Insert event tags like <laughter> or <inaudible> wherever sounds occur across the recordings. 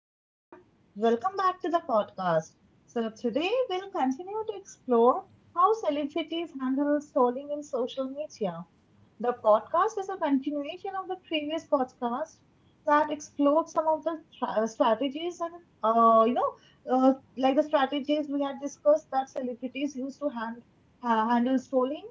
everyone. Welcome back to the podcast. So today we'll continue to explore how celebrities handle trolling in social media. The podcast is a continuation of the previous podcast that explored some of the strategies and, uh, you know, the strategies we had discussed that celebrities use to handle trolling.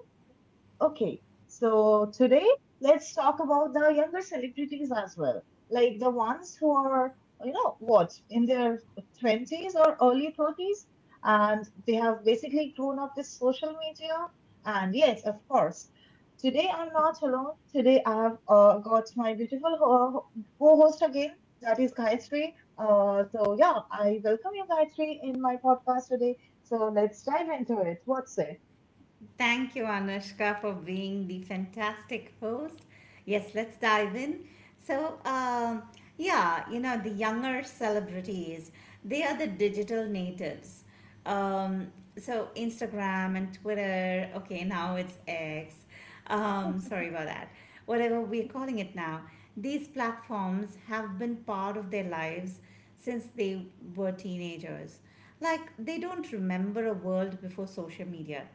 Okay, so today let's talk about the younger celebrities as well, like the ones who are, in their twenties or early thirties, and they have basically grown up with social media. And yes, of course, today I'm not alone. Today I have got my beautiful co host again, that is Gayatri. Yeah, I welcome you, Gayatri, in my podcast today. So let's dive into it. What's it? Thank you, Anushka, for being the fantastic host. Yes, let's dive in. So, um, yeah, you know, the younger celebrities, they are the digital natives. Um, Instagram and Twitter, okay, now it's X. Sorry about that. Whatever we're calling it now, these platforms have been part of their lives since they were teenagers. Like, they don't remember a world before social media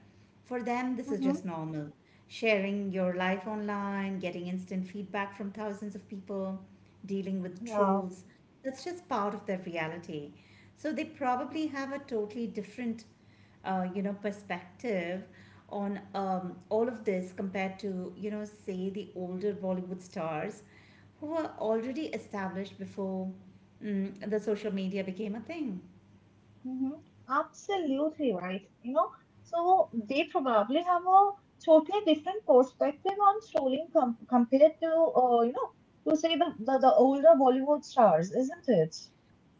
for them, this is Hmm. just normal. Sharing your life online, getting instant feedback from thousands of people, dealing with Yeah. trolls, that's just part of their reality. So they probably have a totally different, you know, perspective on all of this compared to, you know, say the older Bollywood stars who were already established before the social media became a thing. Hmm. Absolutely right. You know, so they probably have a totally different perspective on trolling compared to, to say the older Bollywood stars, isn't it?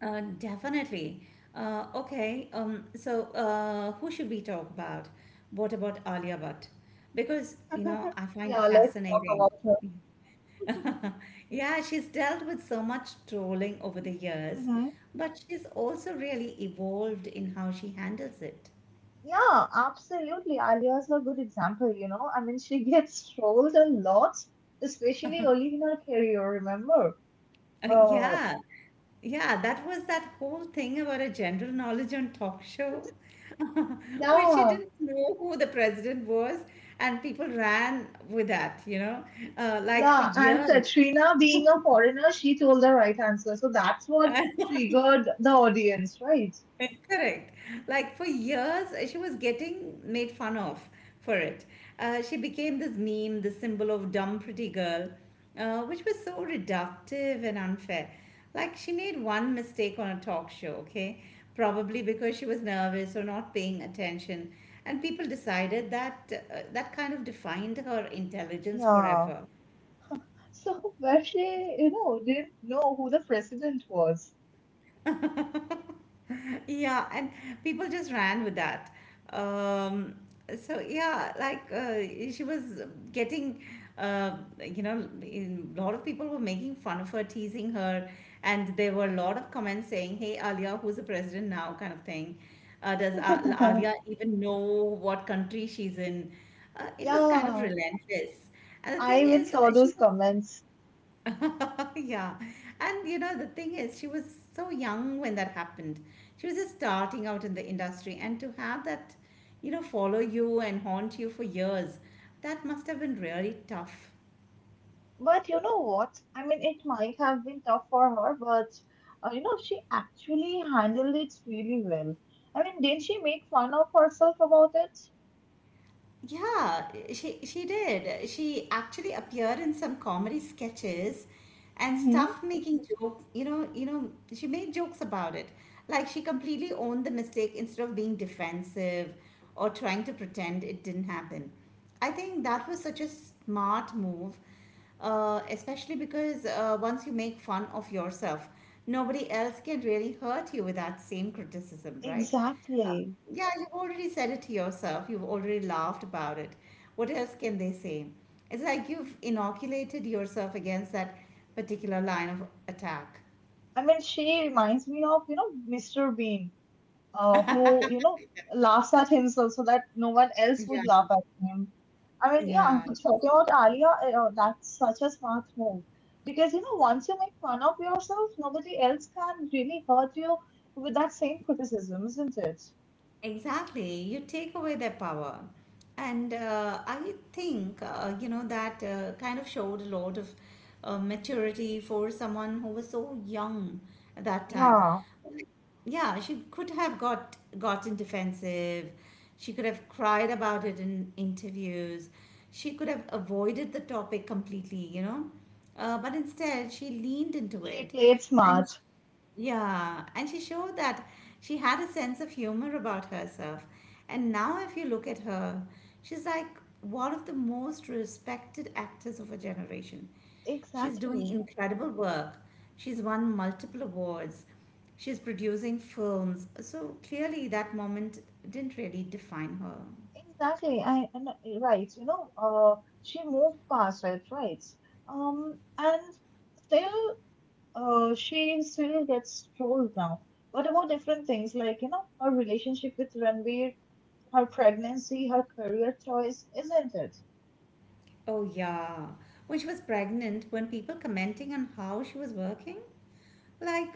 Definitely. Okay, so who should we talk about? What about Alia Bhatt? Because, you know, <laughs> I find her Yeah, let's talk fascinating. about her. <laughs> Yeah, she's dealt with so much trolling over the years, Hmm. but she's also really evolved in how she handles it. Yeah, absolutely. Alia is a good example, you know. I mean, she <laughs> gets trolled a lot, especially early in her career, remember? Uh, Yeah, yeah, that was that whole thing about a general knowledge on talk show, <laughs> where she yeah, didn't know who the president was, and people ran with that, you know, like for Yeah, and years. Katrina, being a foreigner, she told the right answer. So that's what triggered the audience, right? <laughs> Correct. Like for years, she was getting made fun of for it. She became this meme, the symbol of dumb pretty girl, which was so reductive and unfair. Like she made one mistake on a talk show, okay? Probably because she was nervous or not paying attention. And people decided that that kind of defined her intelligence Yeah. forever. So where, you know, didn't know who the president was. <laughs> Yeah, and people just ran with that. Um, so yeah, she was getting, uh, you know, a lot of people were making fun of her, teasing her, and there were a lot of comments saying, "Hey, Alia, who's the president now?" kind of thing. Does Alia even know what country she's in? It was kind of Yeah, relentless. And the I thing even is, saw uh, she those comments. <laughs> yeah. And you know, the thing is, she was so young when that happened. She was just starting out in the industry, and to have that, you know, follow you and haunt you for years, that must have been really tough. But you know what? I mean, it might have been tough for her, but you know, she actually handled it really well. I mean, didn't she make fun of herself about it? Yeah, she did. She actually appeared in some comedy sketches and Mm-hmm. stuff, making jokes. She made jokes about it. Like she completely owned the mistake instead of being defensive or trying to pretend it didn't happen. I think that was such a smart move, especially because once you make fun of yourself, nobody else can really hurt you with that same criticism, right? Exactly. Yeah, you've already said it to yourself. You've already laughed about it. What else can they say? It's like you've inoculated yourself against that particular line of attack. I mean, she reminds me of, you know, Mr. Bean, who, you know, laughs at himself so that no one else Yeah, would laugh at him. I mean, yeah, yeah, talking about Alia, that's such a smart move because, you know, once you make fun of yourself, nobody else can really hurt you with that same criticism, isn't it? exactly, you take away their power. And I think you know, that kind of showed a lot of maturity for someone who was so young at that time. Yeah, Yeah, she could have gotten defensive. She could have cried about it in interviews. She could have avoided the topic completely, you know. But instead, she leaned into she it. played And. smart. Yeah, and she showed that she had a sense of humor about herself. And now, if you look at her, she's like one of the most respected actors of her generation. She's doing Exactly. incredible work. She's won multiple awards. She's producing films. So clearly, that moment didn't really define her. Exactly. I and right, you know, She moved past it, right? And still she still gets trolled now. What about different things, like, you know, her relationship with Ranveer, her pregnancy, her career choice, isn't it? Oh, yeah. When she was pregnant, when people commenting on how she was working, like,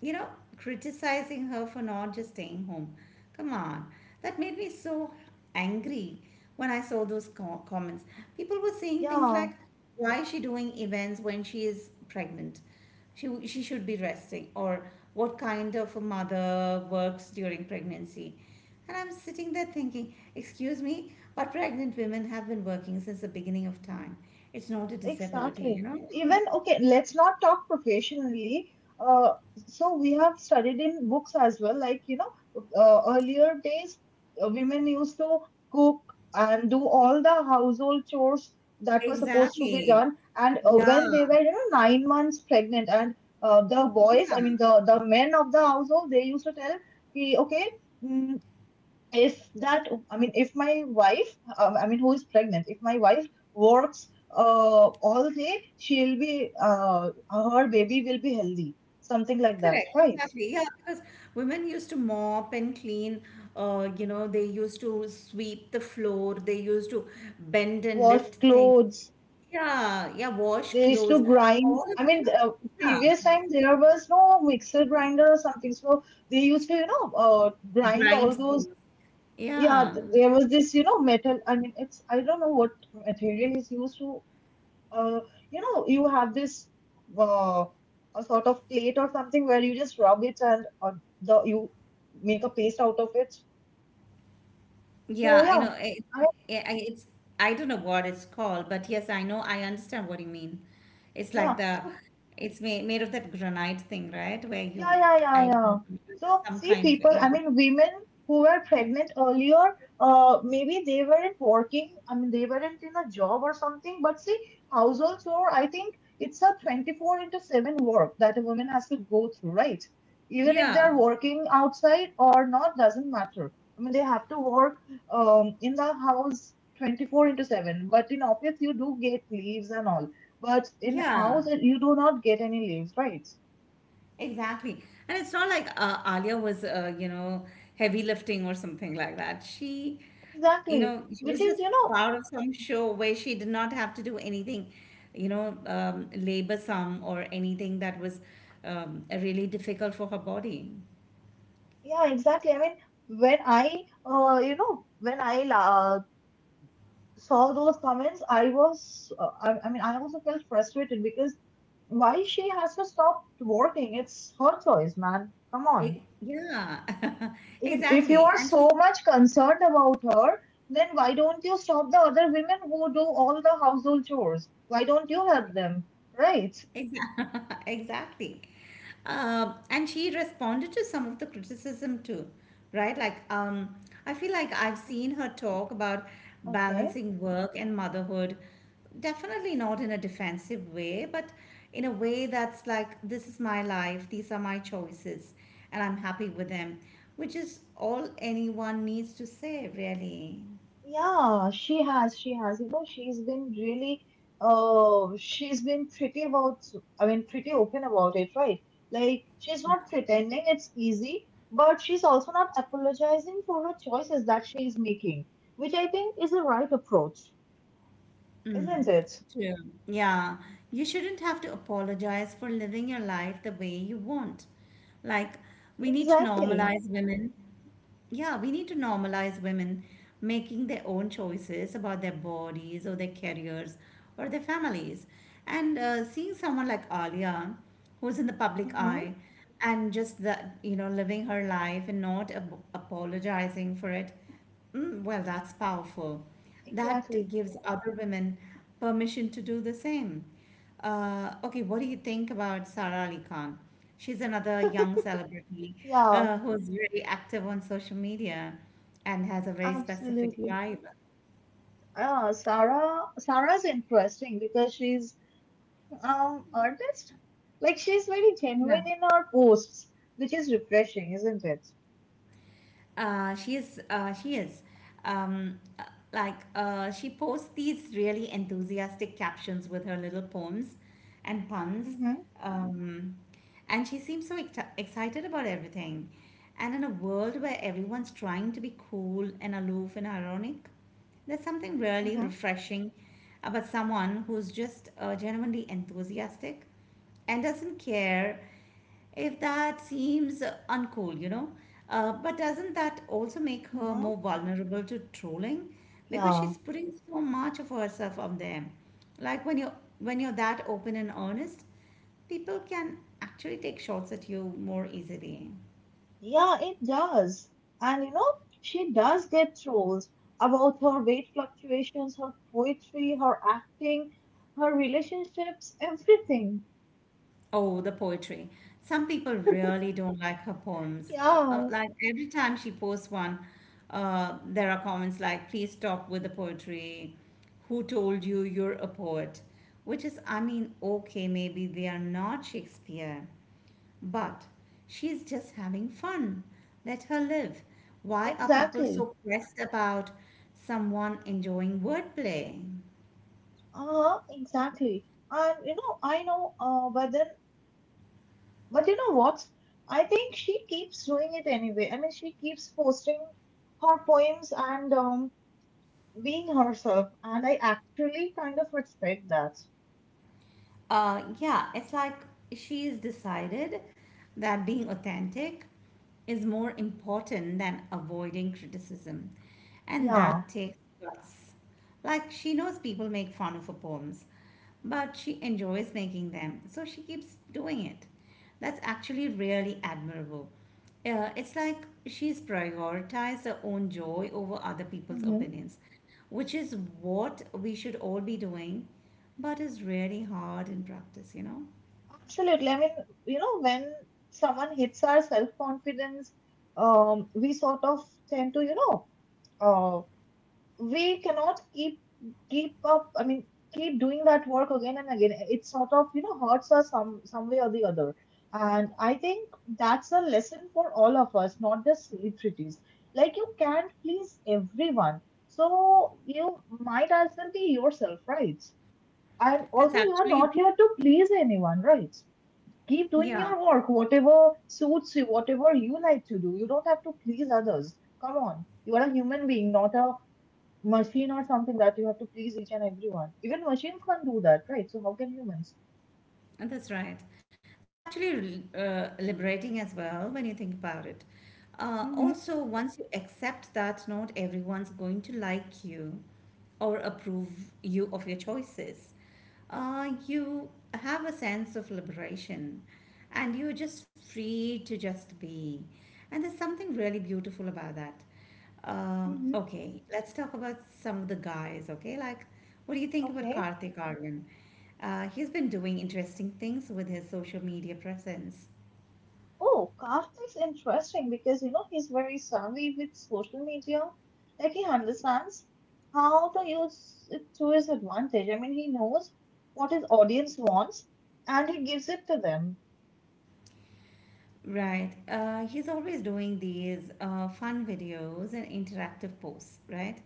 you know, criticizing her for not just staying home. Come on. That made me so angry when I saw those comments. People were saying things like, Yeah. why is she doing events when she is pregnant? She should be resting. Or what kind of a mother works during pregnancy? And I'm sitting there thinking, excuse me, but pregnant women have been working since the beginning of time. It's not a disability, you Exactly. know? <laughs> Even, okay, let's not talk professionally. Uh, so we have studied in books as well. Like, you know, earlier days, women used to cook and do all the household chores that were supposed to be Exactly. done. And when Yeah. they were, you know, 9 months pregnant, and the boys, Yeah. I mean, the men of the household, they used to tell, "Ki, okay, mm, if that, if my wife, who is pregnant, if my wife works all day, she'll be, her baby will be healthy," something like that, Correct, right? exactly. Yeah, because women used to mop and clean, you know, they used to sweep the floor, they used to bend and Wash lift things. clothes. Yeah, yeah, wash They used to clothes, grind, all of that. previous Yeah, time there was no mixer grinder or something, so they used to, you know, grind grind all those. things. Yeah, Yeah, there was this, you know, metal, it's, I don't know what material is used to, uh, you know, you have this, uh, a sort of plate or something, where you just rub it and, the you make a paste out of it. yeah, So I yeah, know. I it, I- it's, I don't know what it's called, but yes, I know, I understand what you mean. It's like yeah. the, So it's made of that granite thing, right? Yeah, yeah, yeah, I, yeah. So, some see, kind of, people, I yeah, mean, women who were pregnant earlier, maybe they weren't working, I mean, they weren't in a job or something, but see, household chore, I think it's a 24 into 7 work that a woman has to go through, right? Even if yeah. they're working outside or not, doesn't matter. I mean, they have to work in the house 24 into 7, but in office, you do get leaves and all. But in Yeah, house, you do not get any leaves, right? exactly. And it's not like Alia was, you know, heavy lifting or something like that. You Exactly, know, she which was is, just you know, part of some show where she did not have to do anything, you know, labor some or anything that was really difficult for her body. yeah, exactly. I mean, when I saw those comments, I was, I mean, I also felt frustrated because why she has to stop working? It's her choice, man. Come on. Yeah, <laughs> If you exactly. are And she so much concerned about her, then why don't you stop the other women who do all the household chores? Why don't you help them? Right? Exactly. <laughs> exactly. And she responded to some of the criticism too, right? Like, I feel like I've seen her talk about Okay. balancing work and motherhood, definitely not in a defensive way, but in a way that's like, this is my life, these are my choices, and I'm happy with them, which is all anyone needs to say, really. Yeah, she has. She has. You know, she's been really, she's been pretty about, I mean, pretty open about it, right? Like, she's not pretending it's easy, but she's also not apologizing for her choices that she's making, which I think is the right approach, Mm. isn't it? True. Yeah. You shouldn't have to apologize for living your life the way you want. Like, we need to Exactly. normalize women. Yeah, we need to normalize women making their own choices about their bodies or their careers or their families. And seeing someone like Alia, who's in the public Mm-hmm. eye, and just the you know living her life and not apologizing for it. Mm, well, that's powerful. That Exactly. gives other women permission to do the same. Okay, what do you think about Sara Ali Khan? She's another young celebrity Yeah, who's very active on social media and has a very specific absolutely. vibe. Sarah's interesting because she's, artist. Like she's very Yeah. genuine in her posts, which is refreshing, isn't it? She is um, uh, like she posts these really enthusiastic captions with her little poems and puns, Mm-hmm, um, and she seems so excited about everything, and in a world where everyone's trying to be cool and aloof and ironic, there's something really mm-hmm, refreshing about someone who's just genuinely enthusiastic and doesn't care if that seems uncool, you know. But doesn't that also make her mm-hmm. more vulnerable to trolling? Because Yeah, she's putting so much of herself out there. Like when you're that open and honest, people can actually take shots at you more easily. yeah, it does. And, you know, she does get trolls about her weight fluctuations, her poetry, her acting, her relationships, everything. Oh, the poetry. Some people really don't like her poems. Yeah, Like every time she posts one, there are comments like, please stop with the poetry. Who told you you're a poet? Which is, I mean, okay, maybe we are not Shakespeare, but she's just having fun. Let her live. Why are people exactly. so pressed about someone enjoying wordplay? Huh, exactly. And, you know, I know, but you know what? I think she keeps doing it anyway. I mean, she keeps posting her poems and, being herself, and I actually kind of respect that. Yeah, it's like she's decided that being authentic is more important than avoiding criticism. And Yeah. that takes guts. Like, she knows people make fun of her poems, but she enjoys making them, so she keeps doing it. That's actually really admirable. It's like she's prioritized her own joy over other people's Mhm. opinions, which is what we should all be doing, but is really hard in practice, you know? Absolutely. I mean, you know, when someone hits our self-confidence, we sort of tend to, you know, uh, we cannot keep up. I mean, keep doing that work again and again. It sort of, you know, hurts us some way or the other. And I think that's a lesson for all of us, not just celebrities. Like you can't please everyone, so you might as well be yourself, right? And That's also, you are actually, not here to please anyone, right? Keep doing yeah, your work, whatever suits you, whatever you like to do. You don't have to please others. Come on, you are a human being, not a machine or something that you have to please each and everyone. Even machines can't do that, right? So how can humans? that's right. That's actually liberating as well when you think about it. Mm-hmm. Also, once you accept that not everyone's going to like you or approve you of your choices, you have a sense of liberation and you're just free to just be. And there's something really beautiful about that. Mm-hmm. Okay, let's talk about some of the guys, okay? Like, what do you think about Okay. Karthik Aryan? He's been doing interesting things with his social media presence. Oh, Kafka is interesting because, you know, he's very savvy with social media. Like he understands how to use it to his advantage. I mean, he knows what his audience wants and he gives it to them. Right. He's always doing these fun videos and interactive posts, right?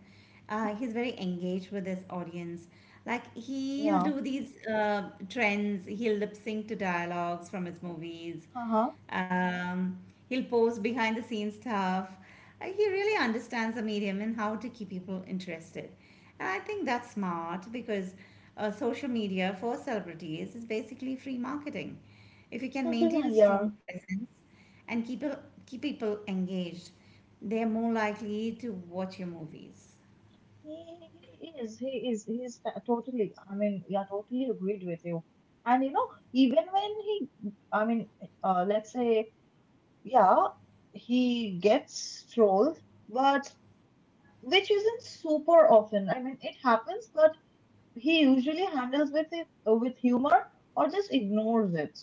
He's very engaged with his audience. Like he'll Yeah. do these trends, he'll lip sync to dialogues from his movies. Uh-huh. Um, he'll post behind the scenes stuff. He really understands the medium and how to keep people interested. And I think that's smart because social media for celebrities is basically free marketing. If you can maintain <laughs> a Yeah, strong presence, and keep people engaged, they're more likely to watch your movies. he he is. He is. He is totally. I mean, yeah, totally agreed with you. And you know, even when he, I mean, uh, let's say, yeah, he gets trolled, but which isn't super often. I mean, it happens, but he usually handles with it with humor or just ignores it.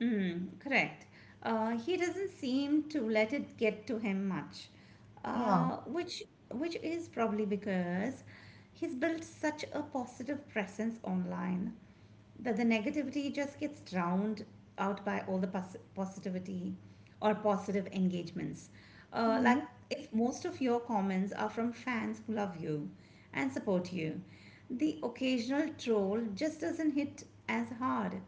Mm, correct. He doesn't seem to let it get to him much, Yeah. uh, which which is probably because he's built such a positive presence online, that the negativity just gets drowned out by all the positivity or positive engagements. Like Mm-hmm. if most of your comments are from fans who love you and support you, the occasional troll just doesn't hit as hard.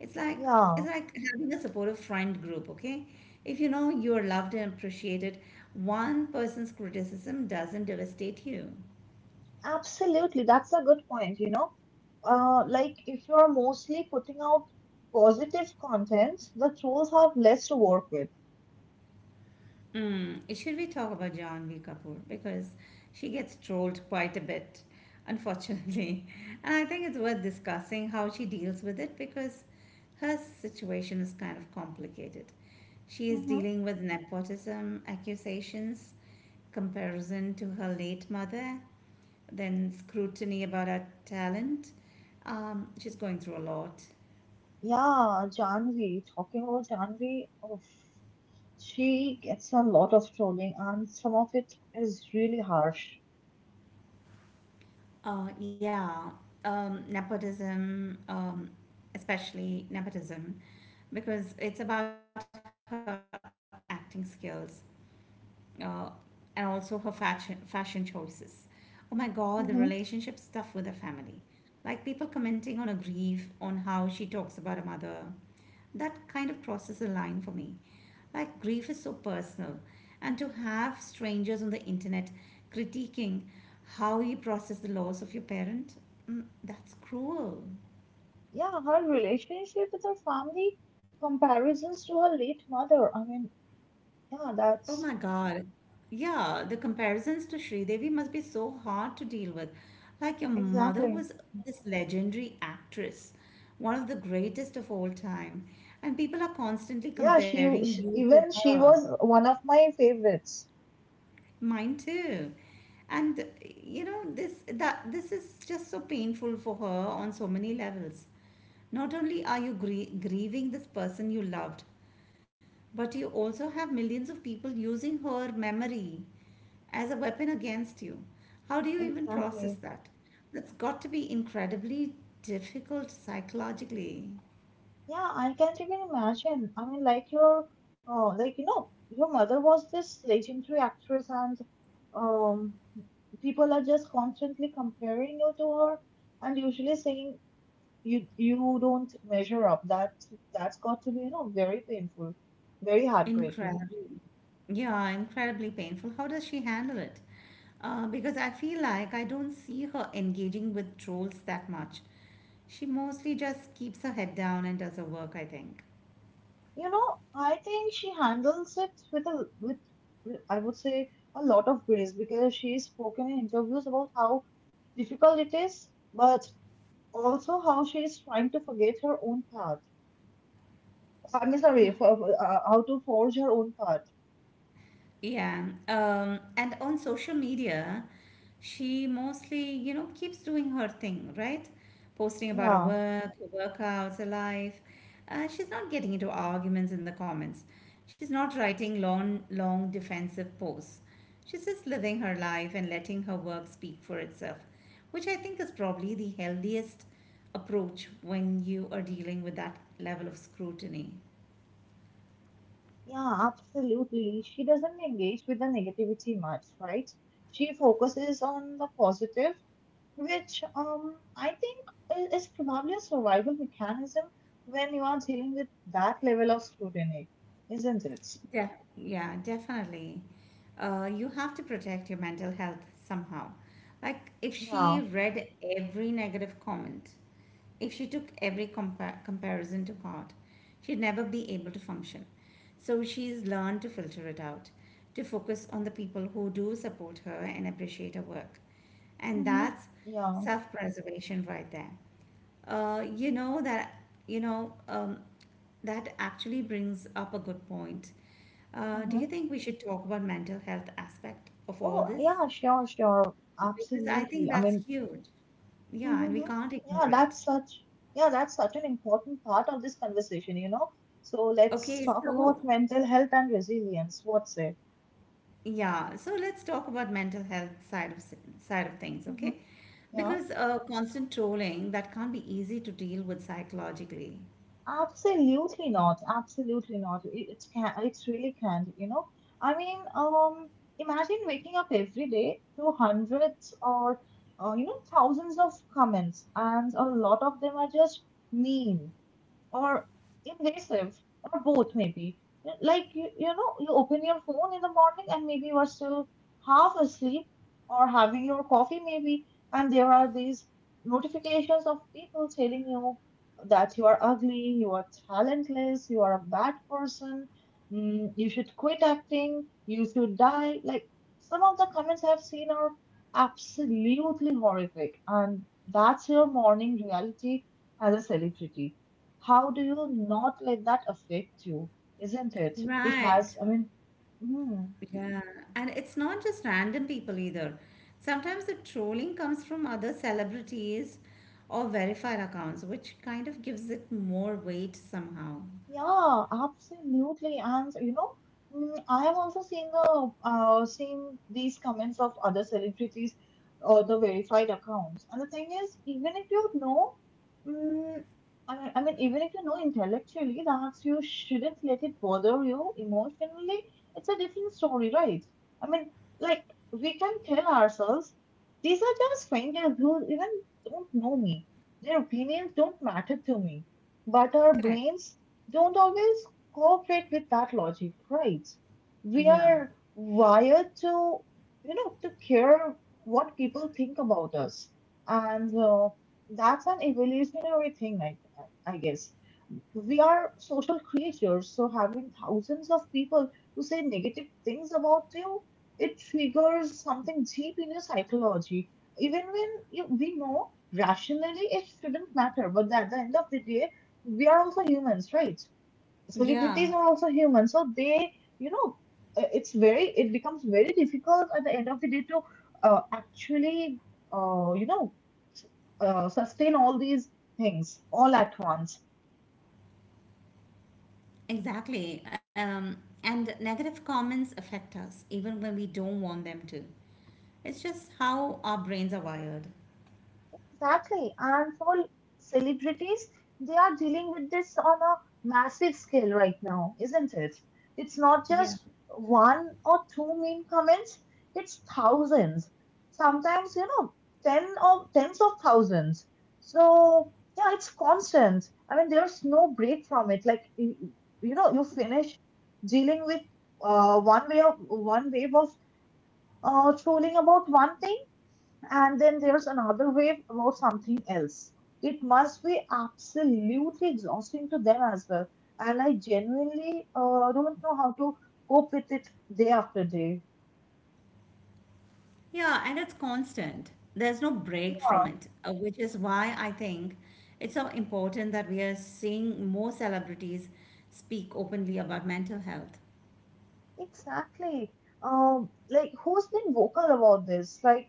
It's like it's Yeah. like having a supportive friend group, okay? If you know you are loved and appreciated, one person's criticism doesn't devastate you. Absolutely, that's a good point, you know. Like if you're mostly putting out positive content, the trolls have less to work with. Mm, should we talk about Janvi Kapoor? Because she gets trolled quite a bit, unfortunately. <laughs> And I think it's worth discussing how she deals with it because her situation is kind of complicated. She is Hmm. dealing with nepotism accusations, comparison to her late mother, then scrutiny about her talent. She's going through a lot. Yeah, talking about Janvi, oh, she gets a lot of trolling and some of it is really harsh. Yeah, nepotism, especially nepotism because it's about her acting skills uh, and also her fashion choices. Oh my God, the relationship stuff Hmm. with her family, like people commenting on her grief, on how she talks about her mother. That kind of crosses a line for me. Like grief is so personal, and to have strangers on the internet critiquing how you process the loss of your parent, that's cruel. Yeah, her relationship with her family, comparisons to her late mother. I mean, yeah, Oh that's— my God. Yeah, the comparisons to Sridevi must be so hard to deal with. Like your mother Exactly. was this legendary actress, one of the greatest of all time. And people are constantly Yeah, comparing she, you to even she her. was one of my favorites. Mine too. And you know, this is just so painful for her on so many levels. Not only are you grieving this person you loved, but you also have millions of people using her memory as a weapon against you. How do you even process Exactly. that? That's got to be incredibly difficult psychologically. Yeah, I can't even imagine. I mean, like your, like, you know, your mother was this legendary actress, and, um, people are just constantly comparing you to her, and usually saying you don't measure up. That's got to be, you know, very painful, very heartbreaking. Incredibly. Yeah, incredibly painful. How does she handle it? Because I feel like I don't see her engaging with trolls that much. She mostly just keeps her head down and does her work, I think. You know, I think she handles it with a I would say a lot of grace because she's spoken in interviews about how difficult it is, but also how she is trying to forget her own path. I mean, sorry, how to forge her own path. Yeah. And on social media, she mostly, you know, keeps doing her thing, right? Posting about her Yeah, work, her workouts, her life. She's not getting into arguments in the comments. She's not writing long defensive posts. She's just living her life and letting her work speak for itself, which I think is probably the healthiest approach when you are dealing with that level of scrutiny. yeah, absolutely. She doesn't engage with the negativity much, right? She focuses on the positive, which, I think is probably a survival mechanism when you are dealing with that level of scrutiny, isn't it? Def- yeah, definitely. You have to protect your mental health somehow. Like, if she Yeah. read every negative comment, if she took every comparison to heart, she'd never be able to function. So, she's learned to filter it out, to focus on the people who do support her and appreciate her work. And Mm-hmm. that's Yeah. self preservation right there. Uh, you know that you know um, that actually brings up a good point. Do Mm-hmm. you think we should talk about mental health aspect of all Oh, this? yeah, sure, sure. Because I think Absolutely. I that's mean, huge. Yeah, and we mm-hmm. can't ignore Yeah, it. that's such yeah, that's such an important part of this conversation, you know. So let's Okay, talk so about mental health and resilience. What's it? yeah, so let's talk about mental health side of things, Mm-hmm. okay? Yeah, Because constant trolling that can't be easy to deal with psychologically. absolutely not. Absolutely not. It can. It really can't. You know. I mean, imagine waking up every day to hundreds or, you know, thousands of comments, and a lot of them are just mean, or invasive, or both maybe. Like, you know, you open your phone in the morning and maybe you are still half asleep or having your coffee maybe, and there are these notifications of people telling you that you are ugly, you are talentless, you are a bad person, mm, you should quit acting, you should die. Like, some of the comments I've seen are absolutely horrific, and that's your morning reality as a celebrity. How do you not let that affect you? Isn't it? It Right. has, I mean, hmm. Yeah, and it's not just random people either. Sometimes the trolling comes from other celebrities or verified accounts, which kind of gives it more weight somehow. Yeah, absolutely. And, you know, mm, I have also seen the seen these comments of other celebrities or the verified accounts. And the thing is, even if you know, mm, I mean, even if you know intellectually that you shouldn't let it bother you emotionally, it's a different story, right? I mean, like we can tell ourselves these are just strangers who even don't know me. Their opinions don't matter to me. But our Correct. brains don't always cooperate with that logic, right? We Yeah. are wired to, you know, to care what people think about us, and that's an evolutionary thing, I guess. We are social creatures, so having thousands of people to say negative things about you, it triggers something deep in your psychology. Even when we know rationally it shouldn't matter, but at the end of the day, we are also humans, right? Celebrities are Yeah, also human, so they, you know, it's very it becomes very difficult at the end of the day to actually, you know, s- sustain all these things all at once. exactly. And negative comments affect us even when we don't want them to. It's just how our brains are wired. Exactly. And for celebrities, they are dealing with this on a massive scale right now, isn't it? It's not just one or two mean comments, it's thousands. Sometimes, you know, 10 or tens of thousands. So, yeah, it's constant. I mean, there's no break from it. Like, you know, you finish dealing with one wave of trolling about one thing, and then there's another wave about something else. It must be absolutely exhausting to them as well. And I genuinely don't know how to cope with it day after day. Yeah, and it's constant. There's no break from it, which is why I think it's so important that we are seeing more celebrities speak openly about mental health. Exactly. Like, who's been vocal about this? Like,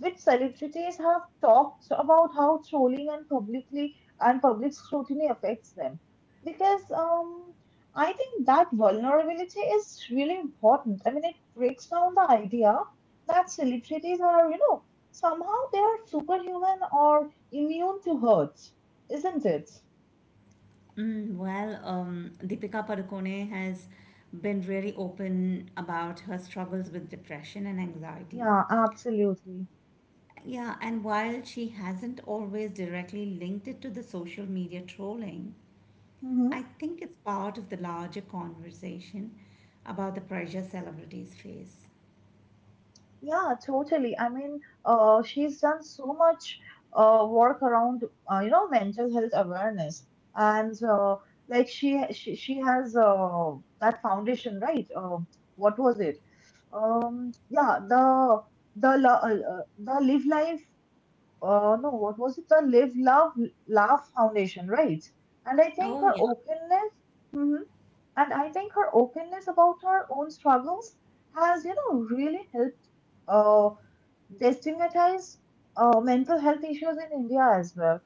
which celebrities have talked about how trolling and publicly and public scrutiny affects them, because I think that vulnerability is really important. I mean, it breaks down the idea that celebrities are, you know, somehow they are superhuman or immune to hurt, isn't it? Deepika Padukone has been really open about her struggles with depression and anxiety. Yeah, absolutely. Yeah, and while she hasn't always directly linked it to the social media trolling, Mm-hmm. I think it's part of the larger conversation about the pressure celebrities face. Yeah, totally. I mean, she's done so much work around, you know, mental health awareness, and like she has, that foundation, right? What was it? Yeah, the the Live Life. No, what was it? The Live Love Laugh Foundation, right? And I think Oh her yeah. openness. Mm-hmm, and I think her openness about her own struggles has, you know, really helped uh, destigmatize mental health issues in India as well.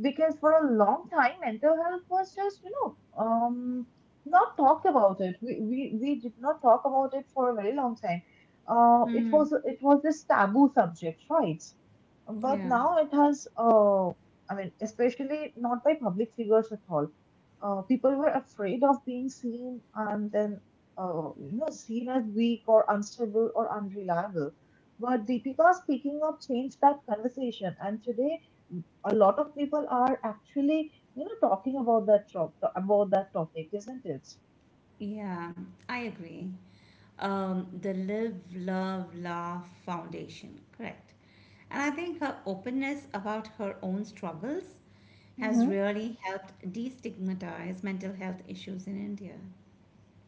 Because for a long time, mental health was just, you know, not talked about it. We did not talk about it for a very long time. Mm, It was this taboo subject, right? But yeah. now it has, I mean, especially not by public figures at all. Uh, people were afraid of being seen and then, you know, seen as weak or unstable or unreliable. But Deepika speaking up changed that conversation, and today a lot of people are actually, you know, talking about about that topic, isn't it? Yeah, I agree. The Live, Love, Laugh Foundation, correct. And I think her openness about her own struggles has Mm-hmm. really helped destigmatize mental health issues in India.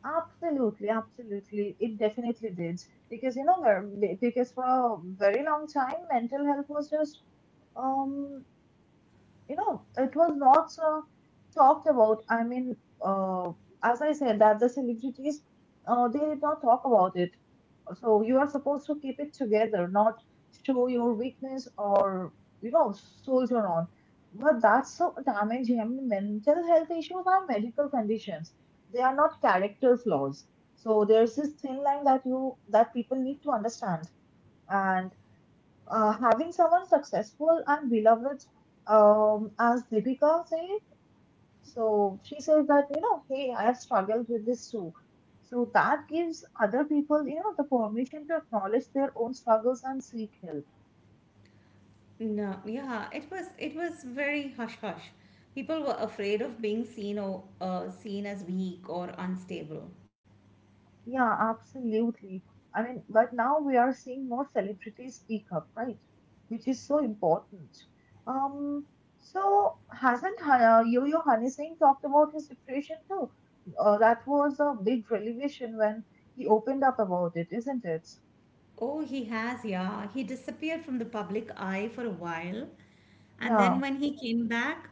Absolutely, absolutely. It definitely did. Because, you know, because for a very long time, mental health was just, um, you know, it was not so talked about. I mean, uh, as I said, that the celebrities, they did not talk about it. So you are supposed to keep it together, not show your weakness or, you know, soldier on. But that's so damaging. I mean, mental health issues are medical conditions. They are not character flaws. So there's this thin line that you that people need to understand. And having someone successful and beloved, as Deepika said, so she says that, you know, hey, I have struggled with this too. So that gives other people, you know, the permission to acknowledge their own struggles and seek help. No, yeah, it was very hush hush. People were afraid of being seen or seen as weak or unstable. Yeah, absolutely. I mean, but now we are seeing more celebrities speak up, right? Which is so important. Um, so hasn't Yo-Yo Honey Singh talked about his depression too? That was a big revelation when he opened up about it, isn't it? Oh, he has, yeah. He disappeared from the public eye for a while. And then Yeah. when he came back,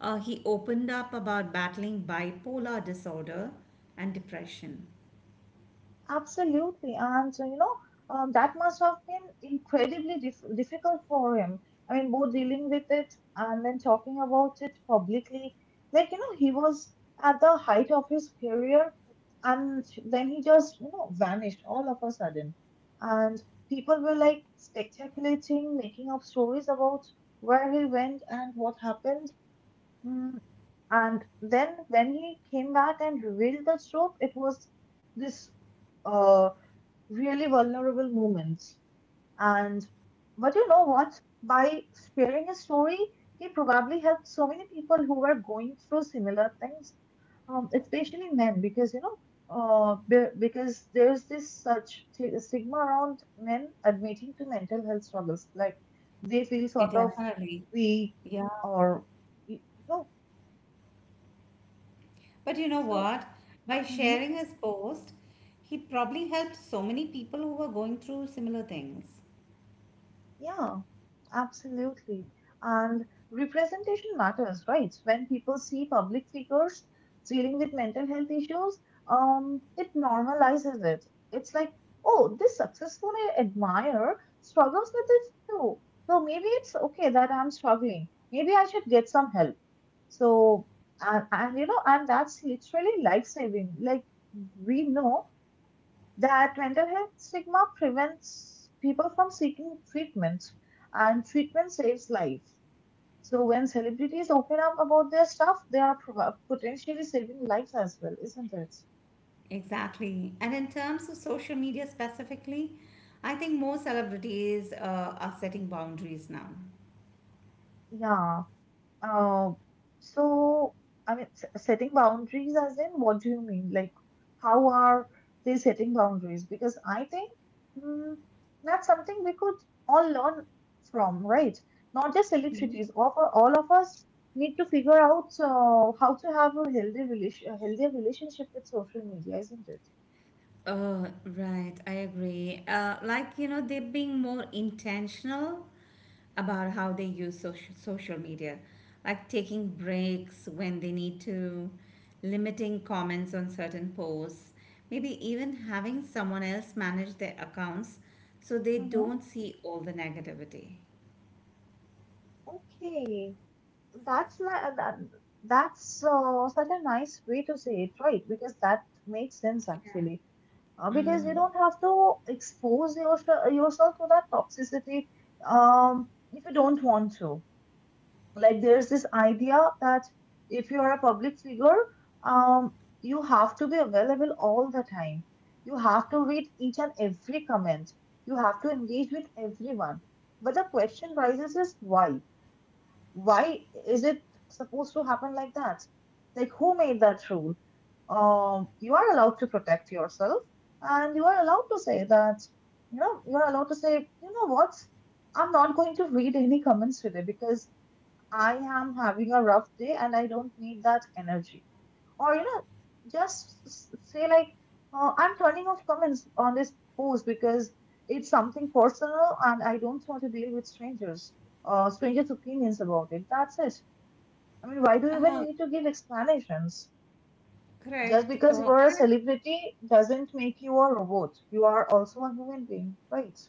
he opened up about battling bipolar disorder and depression. Absolutely. And so, you know, that must have been incredibly difficult for him. I mean, both dealing with it and then talking about it publicly. Like, you know, he was at the height of his career, and then he just, you know, vanished all of a sudden. And people were like speculating, making up stories about where he went and what happened. Mm. And then when he came back and revealed the truth, it was this, uh, really vulnerable moments. And but you know what? By sharing his story, he probably helped so many people who were going through similar things, especially men, because you know, because there's this such stigma around men admitting to mental health struggles, like they feel Yeah, sort of definitely. weak Yeah. or you know, But you know so. what? By Mm-hmm. sharing his post, he probably helped so many people who were going through similar things. Yeah, absolutely. And representation matters, right? When people see public figures dealing with mental health issues, it normalizes it. It's like, oh, this successful I admire struggles with this too. So maybe it's okay that I'm struggling. Maybe I should get some help. So, and you know, and that's literally life saving. Like, we know that mental health stigma prevents people from seeking treatment, and treatment saves life. So when celebrities open up about their stuff, they are potentially saving lives as well, isn't it? Exactly. And in terms of social media specifically, I think more celebrities are setting boundaries now. Yeah. Uh, so, I mean, setting boundaries as in, what do you mean? Like, how are they setting boundaries? Because I think, mm, that's something we could all learn from, right? Not just celebrities. All of us need to figure out how to have a a healthy relationship with social media, isn't it? Oh, right. I agree. Like, you know, they're being more intentional about how they use social media, like taking breaks when they need to, limiting comments on certain posts, maybe even having someone else manage their accounts so they Mm-hmm. don't see all the negativity. Okay. That's not that's such a nice way to say it, right? Because that makes sense actually. Yeah. Because you Mm. don't have to expose yourself to that toxicity, if you don't want to. Like there's this idea that if you are a public figure, um, you have to be available all the time. You have to read each and every comment. You have to engage with everyone. But the question rises is why? Why is it supposed to happen like that? Like, who made that rule? You are allowed to protect yourself, and you are allowed to say that, you know, you are allowed to say, you know what, I'm not going to read any comments today because I am having a rough day and I don't need that energy. Or, you know, just say, like, I'm turning off comments on this post because it's something personal and I don't want to deal with strangers, strangers' opinions about it. That's it. I mean, why do you even Uh-huh. need to give explanations? Just Correct. because you Oh, are a celebrity doesn't make you a robot. You are also a human being, right?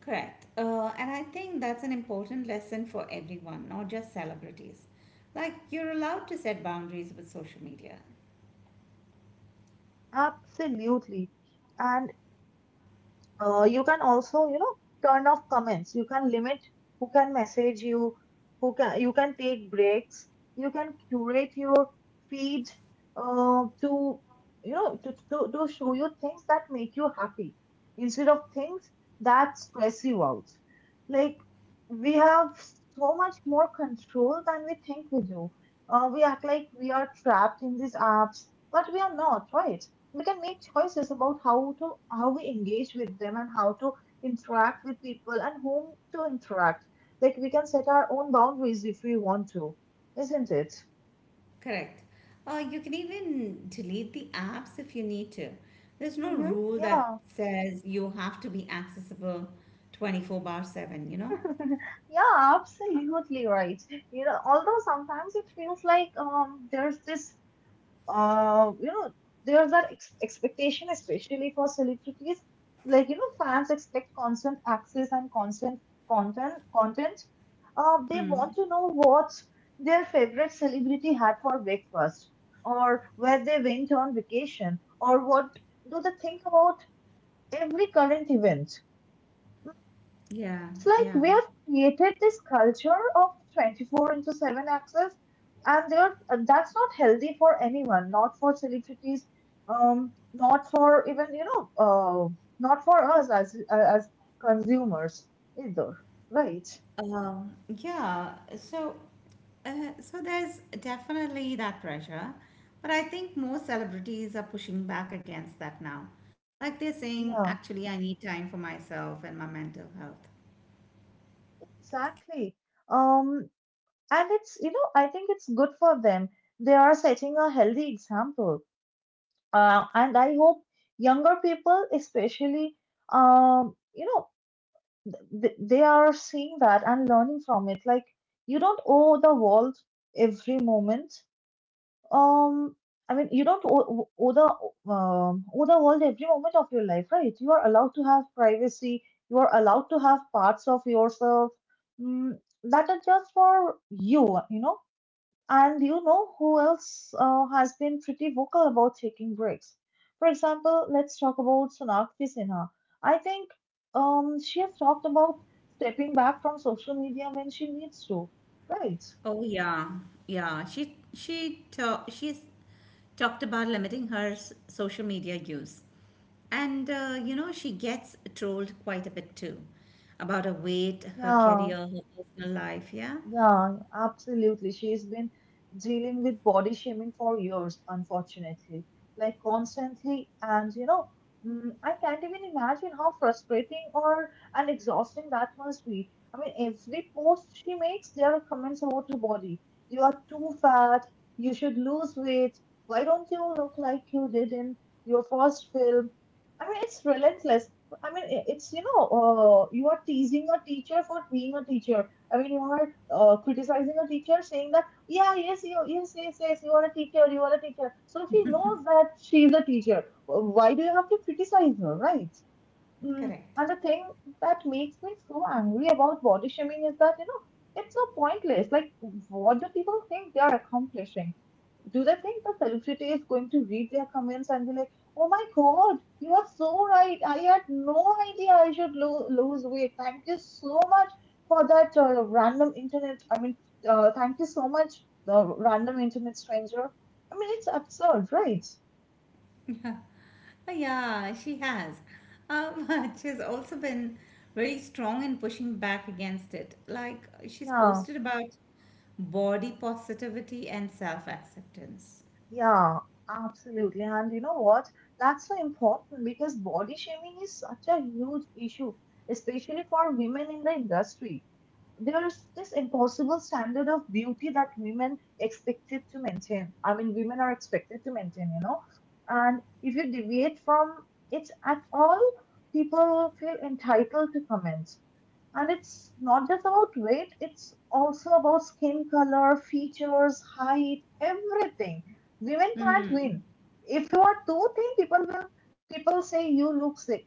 correct. And I think that's an important lesson for everyone, not just celebrities. Like, you're allowed to set boundaries with social media. Absolutely. And you can also, you know, turn off comments, you can limit who can message you, who can you can take breaks, you can curate your feed to, you know, to show you things that make you happy instead of things that stress you out. Like, we have so much more control than we think we do. Uh, we act like we are trapped in these apps, but we are not, right? We can make choices about how we engage with them, and how to interact with people, and whom to interact. Like we can set our own boundaries if we want to, isn't it? Correct. You can even delete the apps if you need to. There's no Mm-hmm. rule that Yeah. says you have to be accessible 24 bar 7, you know? <laughs> Yeah, absolutely, right? You know, although sometimes it feels like, um, there's this, you know, there's that expectation, especially for celebrities. Like, you know, fans expect constant access and constant content. Content. They Mm. want to know what their favorite celebrity had for breakfast, or where they went on vacation, or what do they think about every current event. Yeah, It's like yeah. we have created this culture of 24 into 7 access, and that's not healthy for anyone, not for celebrities, not for even, you know, not for us as consumers either, right? Um, yeah, so so there's definitely that pressure, but I think most celebrities are pushing back against that now. Like they're saying, Yeah, actually, I need time for myself and my mental health. exactly. Um, and it's, you know, I think it's good for them. They are setting a healthy example. And I hope younger people, especially, you know, they are seeing that and learning from it. Like, you don't owe the world every moment, um, I mean you don't owe the world every moment of your life, right? You are allowed to have privacy. You are allowed to have parts of yourself, mm, that are just for you, you know. And you know who else has been pretty vocal about taking breaks? For example, let's talk about Sonakshi Sinha. I think, she has talked about stepping back from social media when she needs to, right? Oh yeah, yeah. She's talked about limiting her social media use, and you know she gets trolled quite a bit too about her weight, her Yeah, career, her personal life. Yeah, Yeah, absolutely. She's been dealing with body shaming for years, unfortunately, like constantly. And you know, I can't even imagine how frustrating or and exhausting that must be. I mean, every post she makes, there are comments about your body. You are too fat. You should lose weight. Why don't you look like you did in your first film? I mean, it's relentless. I mean, you are teasing a teacher for being a teacher. I mean, you are criticizing a teacher, saying that, yeah, yes, you, yes, yes, yes, you are a teacher, you are a teacher. So she knows that she is a teacher. Why do you have to criticize her, right? Correct. And the thing that makes me so angry about body shaming is that, you know, it's so pointless. Like, what do people think they are accomplishing? Do they think the celebrity is going to read their comments and be like, oh my god, you are so right. I had no idea I should lose weight. Thank you so much for that random internet. Thank you so much, the random internet stranger. I mean, it's absurd, right? <laughs> Oh, yeah, she has. <laughs> She's also been very strong in pushing back against it. Like, she's Yeah, posted about body positivity and self acceptance. yeah, absolutely. And you know what? That's so important because body shaming is such a huge issue, especially for women in the industry. There's this impossible standard of beauty that women expected to maintain. I mean, women are expected to maintain, you know. And if you deviate from it at all, people feel entitled to comments. And it's not just about weight, it's also about skin color, features, height, everything. Women can't Hmm. win. If you are too thin, people say you look sick.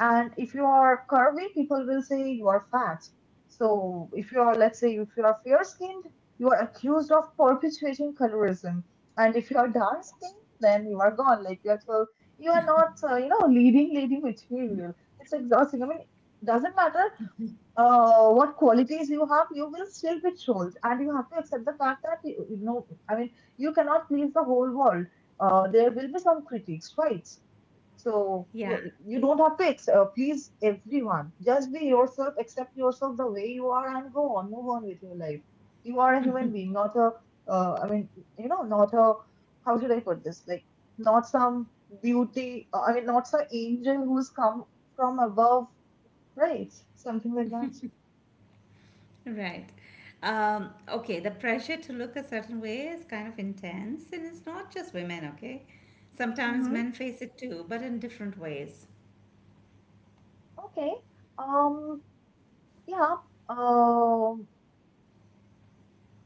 And if you are curvy, people will say you are fat. So if you are, let's say, if you are fair skinned, you are accused of perpetuating colorism. And if you are dark skinned, then you are gone. Like you are told, you are not, leading lady material. It's exhausting. I mean, doesn't matter what qualities you have, you will still be trolled, and you have to accept the fact that you know, I mean, you cannot please the whole world. There will be some critiques, right? So Yeah, you don't have to please everyone. Just be yourself, accept yourself the way you are, and go on, move on with your life. You are a human being, not a. Uh, I mean, Not a. How should I put this? Like, not some beauty. Not some angel who's come from above, right? Something like that. right. Okay, the pressure to look a certain way is kind of intense, and it's not just women, okay? Sometimes Mm-hmm. men face it too, but in different ways. Okay. Um. Yeah. Um.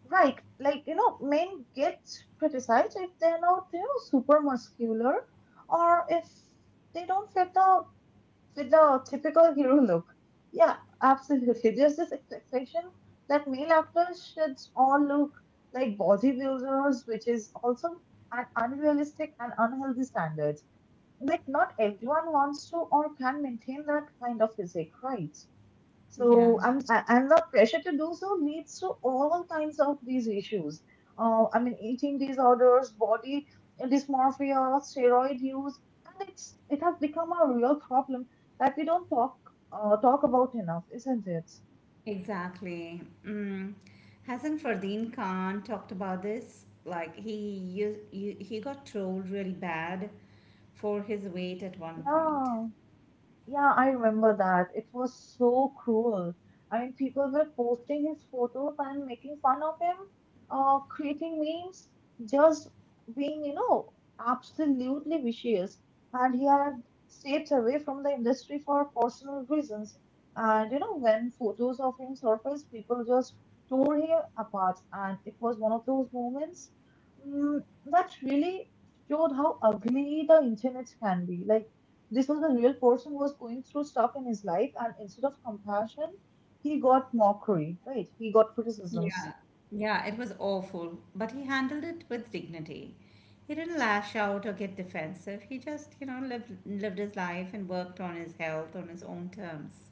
Right, like you know, men get criticized if they're not you know super muscular, or if they don't fit the typical hero look. Yeah, absolutely. <laughs> There's this expectation that male actors should all look like bodybuilders, which is also an unrealistic and unhealthy standard. Like not everyone wants to or can maintain that kind of physique, right? Yeah. So I'm and the pressure to do so leads to all kinds of these issues. I mean, eating disorders, body dysmorphia, steroid use, and it has become a real problem that we don't talk about enough, isn't it? Exactly. Mm. Hasn't Fardeen Khan talked about this? Like he got trolled really bad for his weight at one point. Yeah. Yeah, I remember that. It was so cruel. I mean, people were posting his photos and making fun of him, creating memes, just being, you know, absolutely vicious. And he had stepped away from the industry for personal reasons. And, you know, when photos of him surfaced, people just tore him apart. And it was one of those moments, mm, that really showed how ugly the internet can be. Like, this was a real person who was going through stuff in his life, and instead of compassion, he got mockery, right? He got Yeah, criticisms. yeah, it was awful, but he handled it with dignity. He didn't lash out or get defensive. He just, you know, lived his life and worked on his health on his own terms.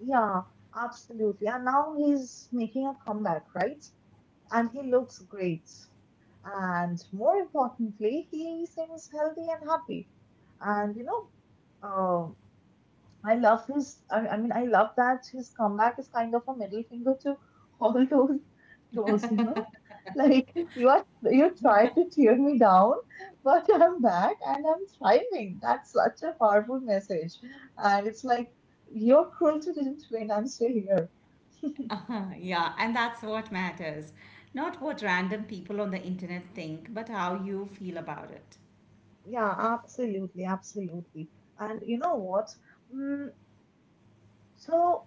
Yeah, absolutely. And now he's making a comeback, right? And he looks great. And more importantly, he seems healthy and happy. And you know, uh, I love that his comeback is kind of a middle finger to <laughs> all those trolls, you know? Like, you tried to tear me down, but I'm back and I'm thriving. That's such a powerful message. And it's like, your cruelty didn't win, I'm still here. Yeah, and that's what matters. Not what random people on the internet think, but how you feel about it. Yeah, absolutely, absolutely. And you know what? Mm, so,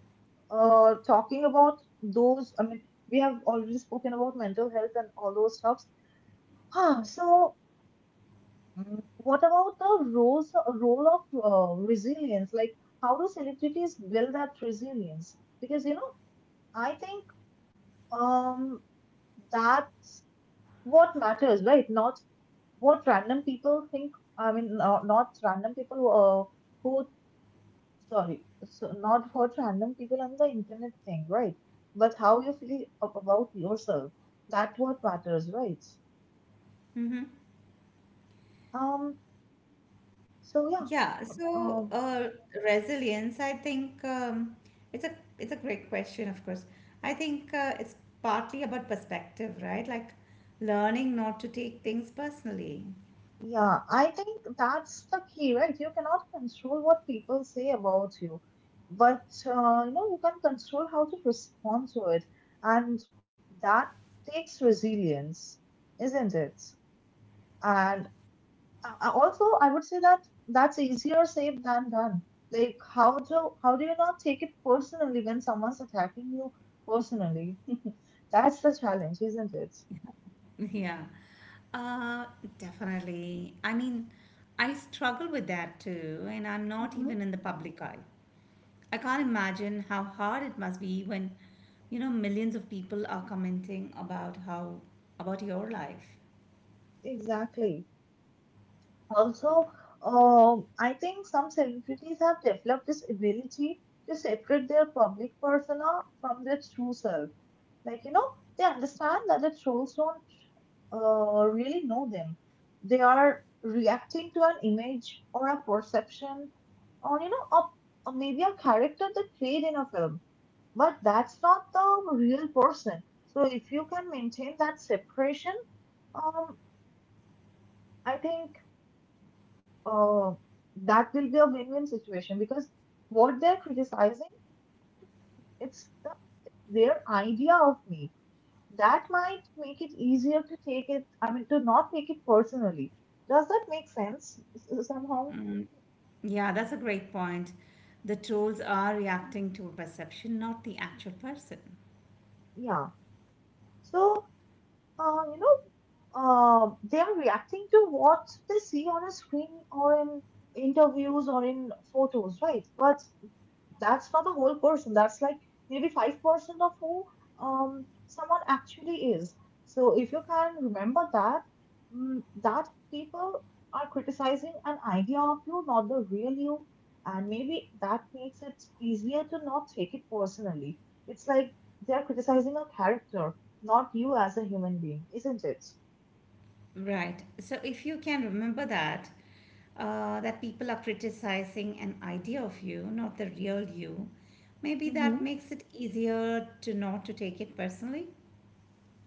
Talking about those, I mean, we have already spoken about mental health and all those stuff. Huh, so what about role of resilience? Like, how do celebrities build that resilience? Because, you know, I think um, that's what matters, right? Not what random people think. I mean, not, not random people who, sorry, so not what random people on the internet think, right? But how you feel about yourself. That's what matters, right? Mm-hmm. Um, so yeah. Yeah, so uh, resilience, I think it's a it's a great question, of course. I think it's partly about perspective, right? Like learning not to take things personally. <laughs> Yeah, I think that's the key, right? You cannot control what people say about you, but you know you can control how to respond to it, and that takes resilience, isn't it? And also, I would say that that's easier said than done. Like, how do you not take it personally when someone's attacking you personally? <laughs> That's the challenge, isn't it? Yeah, uh, definitely. I mean, I struggle with that too, and I'm not Hmm. even in the public eye. I can't imagine how hard it must be you know, millions of people are commenting about how about your life. Exactly. Also, I think some celebrities have developed this ability to separate their public persona from their true self. Like, you know, they understand that the trolls don't really know them. They are reacting to an image or a perception or, you know, a, or maybe a character that played in a film. But that's not the real person. So if you can maintain that separation, um, I think uh, that will be a win-win situation because what they're criticizing, it's their idea of me. That might make it easier to take it, I mean, to not take it personally. Does that make sense somehow? Mm, yeah, that's a great point. The trolls are reacting to a perception, not the actual person. Yeah. So, uh, you know, they are reacting to what they see on a screen or in interviews or in photos, right? But that's not the whole person. That's like maybe 5% of who someone actually is. So if you can remember that, that people are criticizing an idea of you, not the real you. And maybe that makes it easier to not take it personally. It's like they're criticizing a character, not you as a human being, isn't it? Right. So if you can remember that, that people are criticizing an idea of you, not the real you, maybe that makes it easier to not to take it personally.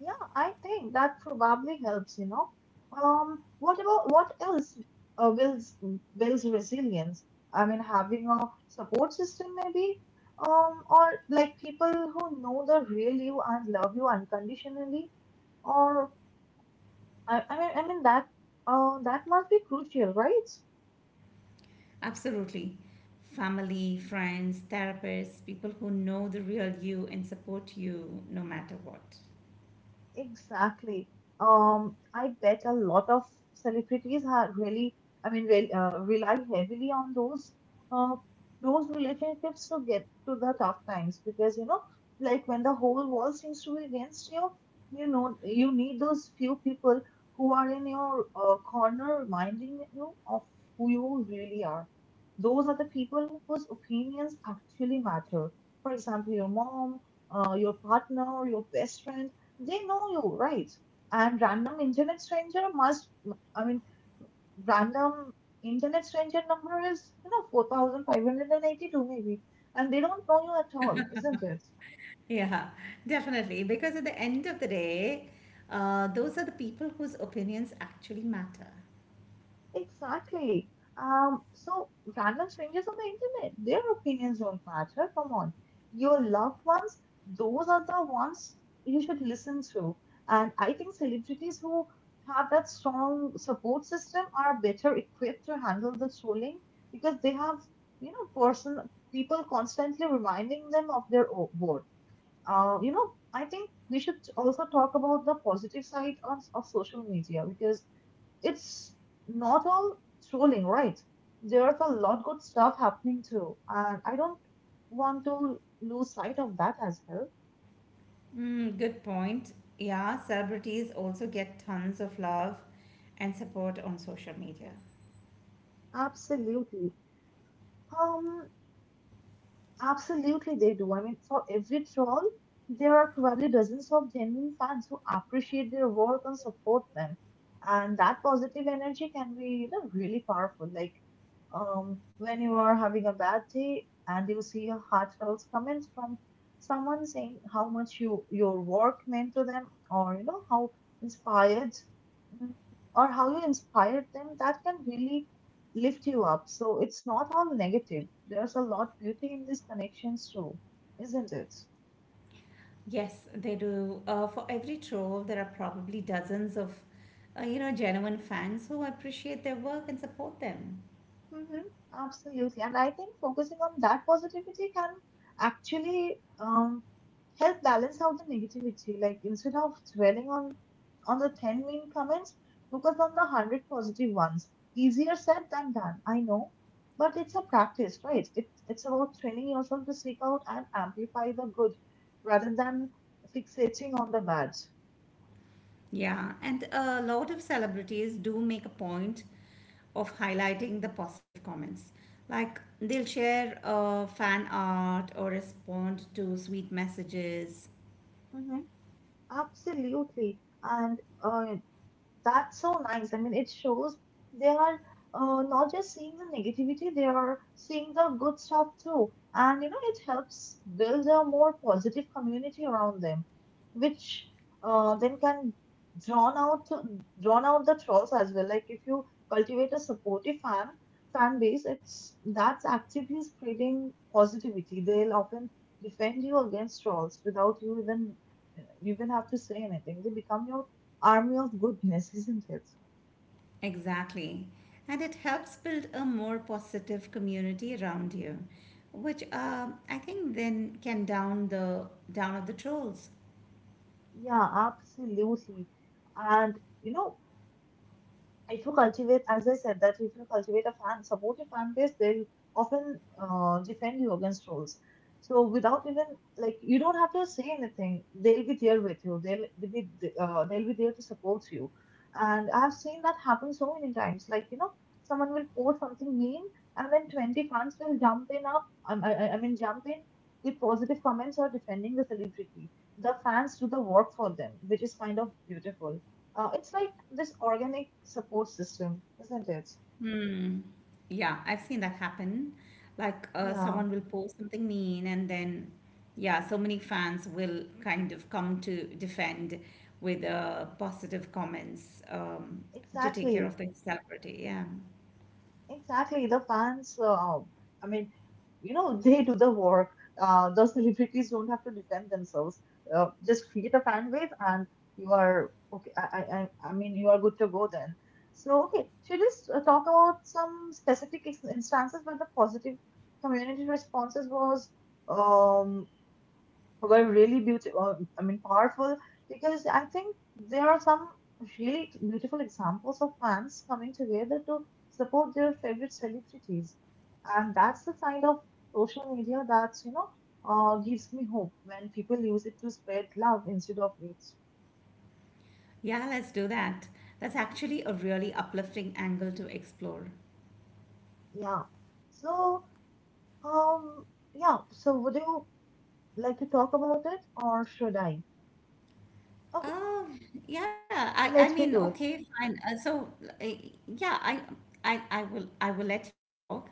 Yeah, I think that probably helps, you know. What about what else uh, builds builds resilience? I mean, having a support system maybe, or like people who know the real you and love you unconditionally, or I, I mean, I mean that that must be crucial, right? Absolutely. Family, friends, therapists, people who know the real you and support you no matter what. Exactly. I bet a lot of celebrities are really, I mean, re rely heavily on uh, those relationships to get to the tough times because you know, like when the whole world seems to be against you, you know, you need those few people who are in your corner reminding you of who you really are. Those are the people whose opinions actually matter. For example, your mom, your partner, your best friend, they know you, right? And random internet stranger must, I mean, random internet stranger number is, you know, 4,582 maybe. And they don't know you at all, isn't it? Yeah, definitely. Because at the end of the day, those are the people whose opinions actually matter. Exactly. So random strangers on the internet, their opinions don't matter. Come on. Your loved ones, those are the ones you should listen to. And I think celebrities who have that strong support system are better equipped to handle the trolling because they have, you know, person people constantly reminding them of their worth. You know, I think we should also talk about the positive side of social media because it's not all trolling, right? There's a lot good stuff happening too, and I don't want to lose sight of that as well. Mm, good point. Yeah, celebrities also get tons of love and support on social media. Absolutely. Um, Absolutely, they do. I mean, for every troll, there are probably dozens of genuine fans who appreciate their work and support them. And that positive energy can be, you know, really powerful. Like, when you are having a bad day and you see a heartfelt comment from someone saying how much your work meant to them, or you know how inspired, mm, or how you inspired them, that can really lift you up. So it's not all negative. There's a lot of beauty in these connections too, isn't it? Yes, they do. For every troll, there are probably dozens of, you know, genuine fans who appreciate their work and support them. Mm-hmm. Absolutely. And I think focusing on that positivity can actually help balance out the negativity. Like instead of dwelling on the 10 mean comments, focus on the 100 positive ones. Easier said than done, I know. But it's a practice, right? It's about training yourself to seek out and amplify the good rather than fixating on the bad. Yeah, and a lot of celebrities do make a point of highlighting the positive comments. Like they'll share fan art or respond to sweet messages. Absolutely. And that's so nice. I mean, it shows they are not just seeing the negativity, they are seeing the good stuff too. And you know, it helps build a more positive community around them, which then can drawn out drawn out the trolls as well. Like if you cultivate a supportive fan base, it's that's actively spreading positivity. They'll often defend you against trolls without you even have to say anything. They become your army of goodness, isn't it? Exactly. And it helps build a more positive community around you, which I think then can down the down of the trolls. Yeah, absolutely. And you know, if you cultivate, as I said, that if you cultivate a supportive fan base, they'll often defend you against trolls. So without even like, you don't have to say anything. They'll be there with you. They'll be there to support you. And I've seen that happen so many times. Like you know, someone will post something mean, and then 20 fans will jump in up. Jump in with positive comments or defending the celebrity. The fans do the work for them, which is kind of beautiful. It's like this organic support system, isn't it? Hmm. Yeah, I've seen that happen. Like, Yeah, someone will post something mean, and then, yeah, so many fans will kind of come to defend with positive comments to take care exactly. of the celebrity. Yeah. Exactly. The fans, I mean, <laughs> they do the work. The celebrities don't have to defend themselves. Just create a fan wave, and you are okay. You are good to go then. So, okay, should we talk about some specific instances where the positive community responses was um were really beautiful, I mean, powerful, because I think there are some really beautiful examples of fans coming together to support their favorite celebrities. And that's the side of social media that's, you know, gives me hope when people use it to spread love instead of hate. Yeah, let's do that. That's actually a really uplifting angle to explore. Yeah. So, um, yeah. So, would you like to talk about it or should I? Okay, let me do it. Okay, fine. So, uh, yeah, I, I will let you talk,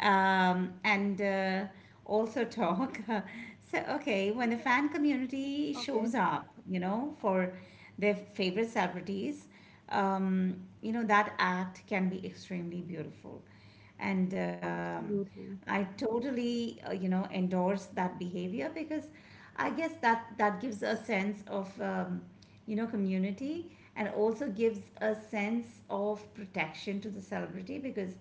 and also talk. <laughs> So, okay, when the <laughs> fan community shows Okay, up, you know, for their favorite celebrities, you know, that act can be extremely beautiful. And I absolutely. totally, you know, endorse that behavior because I guess that gives a sense of, you know, community and also gives a sense of protection to the celebrity because,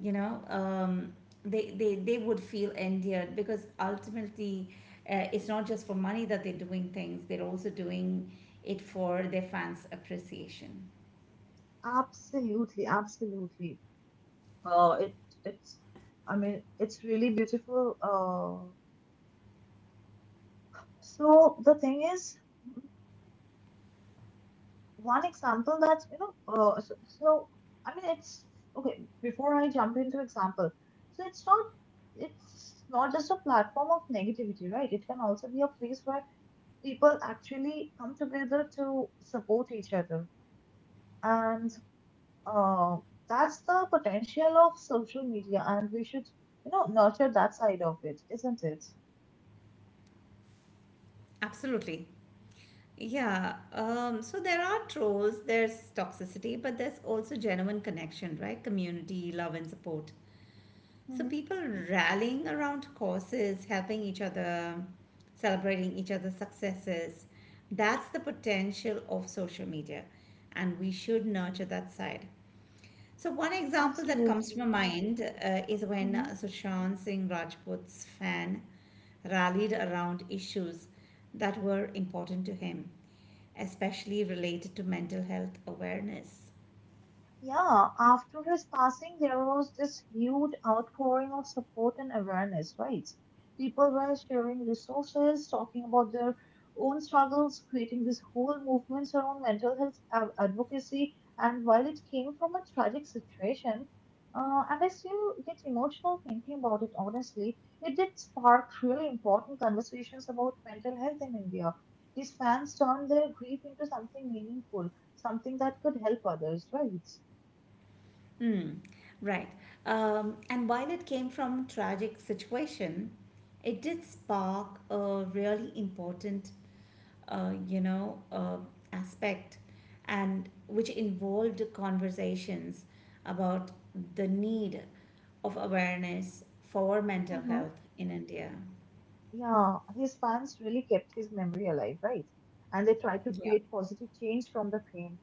you know, they would feel endeared because ultimately it's not just for money that they're doing things, they're also doing it for their fans' appreciation. Absolutely, absolutely. It it's I mean it's really beautiful. So the thing is, one example that, you know, so, so I mean it's okay. Before I jump into example, so it's not just a platform of negativity, right? It can also be a place where people actually come together to support each other, and uh, that's the potential of social media, and we should, you know, nurture that side of it, isn't it? Absolutely. Yeah, so there are trolls, there's toxicity, but there's also genuine connection, right? Community, love, and support. So Hmm. people rallying around causes, helping each other, celebrating each other's successes. That's the potential of social media, and we should nurture that side. So one example that comes to my Absolutely. mind is when Mhm. Sushant Singh Rajput's fan rallied around issues that were important to him, especially related to mental health awareness. Yeah, after his passing, there was this huge outpouring of support and awareness, right? People were sharing resources, talking about their own struggles, creating this whole movement around mental health advocacy. And while it came from a tragic situation, and I still get emotional thinking about it, honestly, it did spark really important conversations about mental health in India. These fans turned their grief into something meaningful, something that could help others, right? Mm, right. And while it came from tragic situation, it did spark a really important, uh, you know, uh, aspect, and which involved conversations about the need of awareness for mental Hmm. health in India. Yeah, his fans really kept his memory alive, right? And they tried to create positive change from the pain.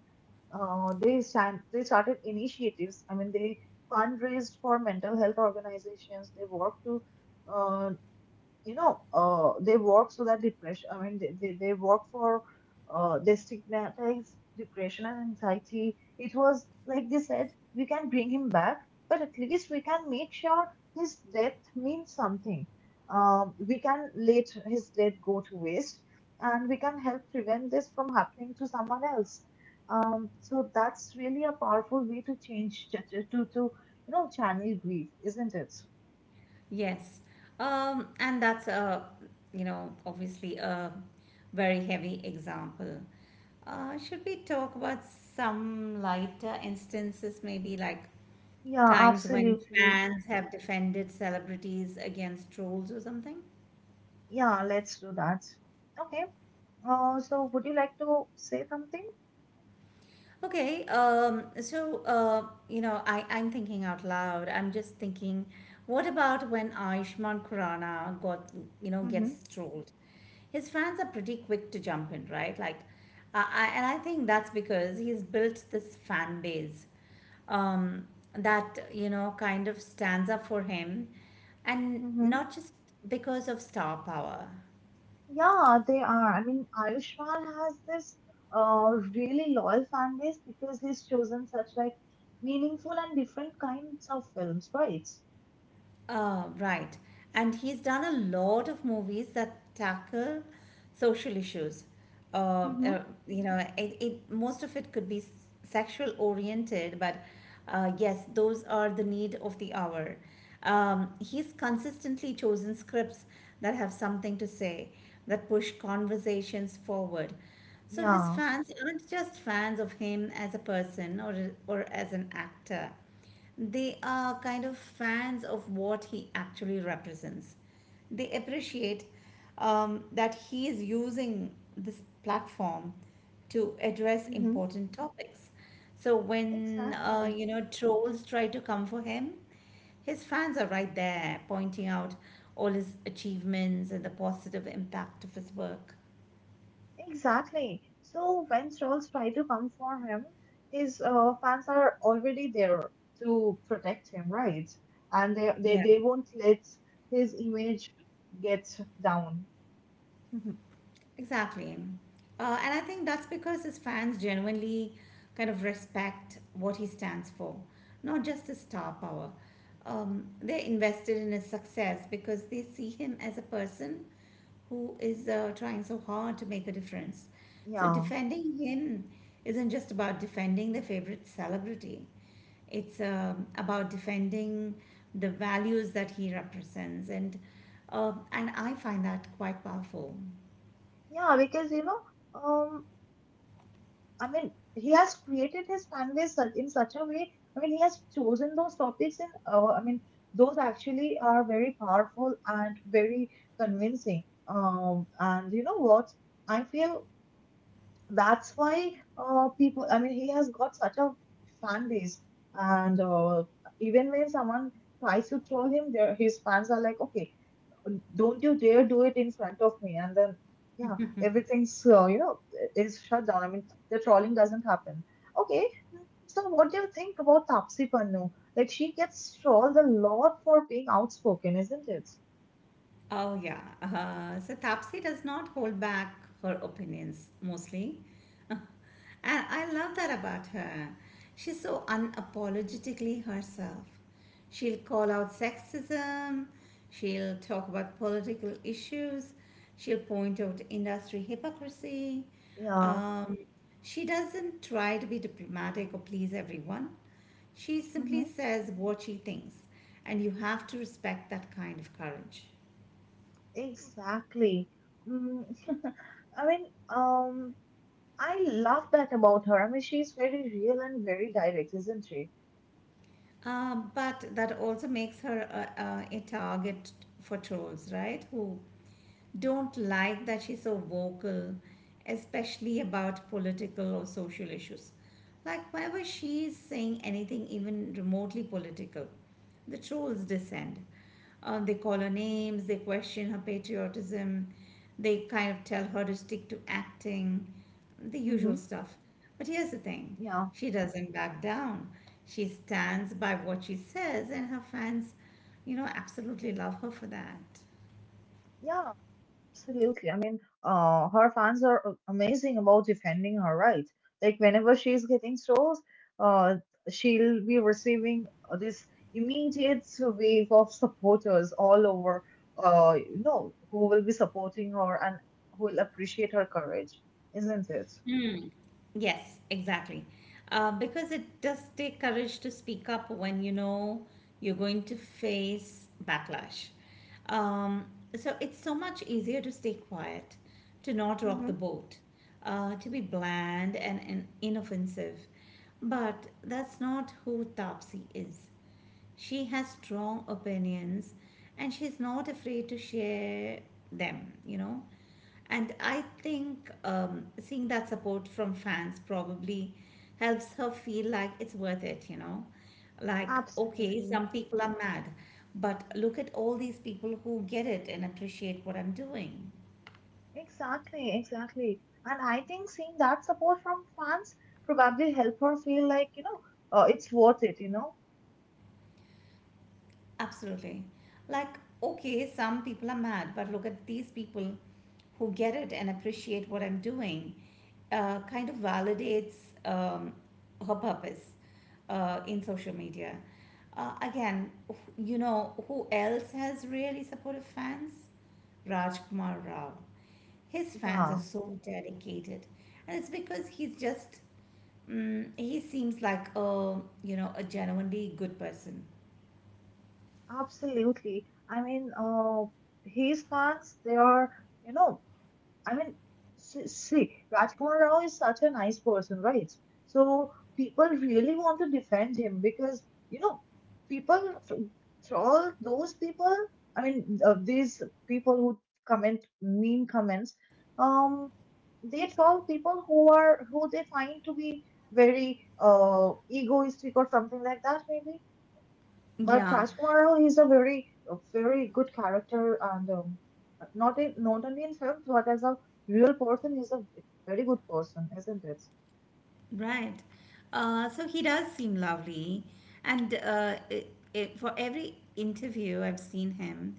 They started initiatives. I mean, they fundraised for mental health organizations. They worked to uh, you know, they work so that depression, I mean, they work for, they stigmatize depression and anxiety. It was, like they said, we can bring him back, but at least we can make sure his death means something. We can let his death go to waste and we can help prevent this from happening to someone else. So that's really a powerful way to change, you know, channel grief, isn't it? Yes. And that's you know, obviously a very heavy example. Should we talk about some lighter instances, maybe like Yeah, times when absolutely. fans have defended celebrities against trolls or something? Yeah, let's do that. Okay. So would you like to say something? Okay, so you know, I'm thinking out loud. I'm just thinking, what about when Ayushmann Khurrana got, you know, Mm-hmm. gets trolled? His fans are pretty quick to jump in, right? Like, and I think that's because he's built this fan base um, that you know kind of stands up for him, and Mm-hmm. not just because of star power. Yeah, they are. I mean, Ayushmann has this really loyal fan base because he's chosen such like meaningful and different kinds of films, right? Right. And he's done a lot of movies that tackle social issues. Mm-hmm. You know, it most of it could be sexual oriented, but yes, those are the need of the hour. He's consistently chosen scripts that have something to say, that push conversations forward. So his Yeah. fans aren't just fans of him as a person or as an actor. They are kind of fans of what he actually represents. They appreciate that he is using this platform to address Mm-hmm. important topics. So when Exactly. you know trolls try to come for him, his fans are right there pointing out all his achievements and the positive impact of his work. Exactly. So when trolls try to come for him, his fans are already there to protect him, right? And they they, Yeah. they won't let his image get down. <laughs> Exactly. And I think that's because his fans genuinely kind of respect what he stands for, not just his star power. They're invested in his success because they see him as a person who is trying so hard to make a difference. So Yeah. defending him isn't just about defending their favorite celebrity. It's about defending the values that he represents, and I find that quite powerful. Yeah, because you know, um, I mean, he has created his fan base in such a way. I mean, he has chosen those topics, and I mean, those actually are very powerful and very convincing. And you know what? I feel that's why people, I mean, he has got such a fan base and even when someone tries to troll him, there his fans are like, okay, don't you dare do it in front of me, and then yeah everything's, you know, is shut down. I mean the trolling doesn't happen. Okay, so what do you think about Tapsi Pannu? Like she gets trolled a lot for being outspoken, isn't it? Oh, yeah. So Tapsi does not hold back her opinions mostly. <laughs> And I love that about her. She's so unapologetically herself. She'll call out sexism, she'll talk about political issues, she'll point out industry hypocrisy. Yeah. Um, she doesn't try to be diplomatic or please everyone. She simply Hmm. says what she thinks, and you have to respect that kind of courage. Exactly. Mm. <laughs> i mean um I love that about her. I mean, she's very real and very direct, isn't she? But that also makes her a target for trolls, right? Who don't like that she's so vocal, especially about political or social issues. Like, whenever she's saying anything, even remotely political, the trolls descend. They call her names, they question her patriotism, they kind of tell her to stick to acting, the usual Hmm. stuff. But here's the thing, Yeah, she doesn't back down. She stands by what she says, and her fans, you know, absolutely love her for that. yeah, absolutely. I mean, her fans are amazing about defending her, right. Like whenever she's getting trolls, uh, she'll be receiving this immediate wave of supporters all over. You know, who will be supporting her and who will appreciate her courage, isn't it? Yes, exactly. Because it does take courage to speak up when you know you're going to face backlash. Um, so it's so much easier to stay quiet, to not rock Hmm. the boat, to be bland and inoffensive. But that's not who Tapsi is. She has strong opinions and she's not afraid to share them, you know. And I think seeing that support from fans probably helps her feel like it's worth it, you know. Like, okay, Absolutely. some people are mad, but look at all these people who get it and appreciate what I'm doing. Exactly, exactly. And I think seeing that support from fans probably help her feel like, you know, it's worth it, you know? Absolutely. Like, okay, some people are mad, but look at these people who get it and appreciate what I'm doing. Kind of validates um, her purpose in social media. Again, you know, who else has really supportive fans? Rajkumar Rao. His fans are Yeah, so dedicated, and it's because he's just, mm, he seems like a, you know, a genuinely good person. absolutely. I mean, his fans, they are, you know, I mean, see, Rajkumar Rao is such a nice person, right? So people really want to defend him because, you know, people, for all those people, these people who comment mean comments, um, they troll people who are who they find to be very egoistic or something like that, maybe. But Yeah. Rajkumar, he's a very good character, and not in not only in films, but as a real person, he's a very good person, isn't it? Right. So he does seem lovely, and I for every interview I've seen him,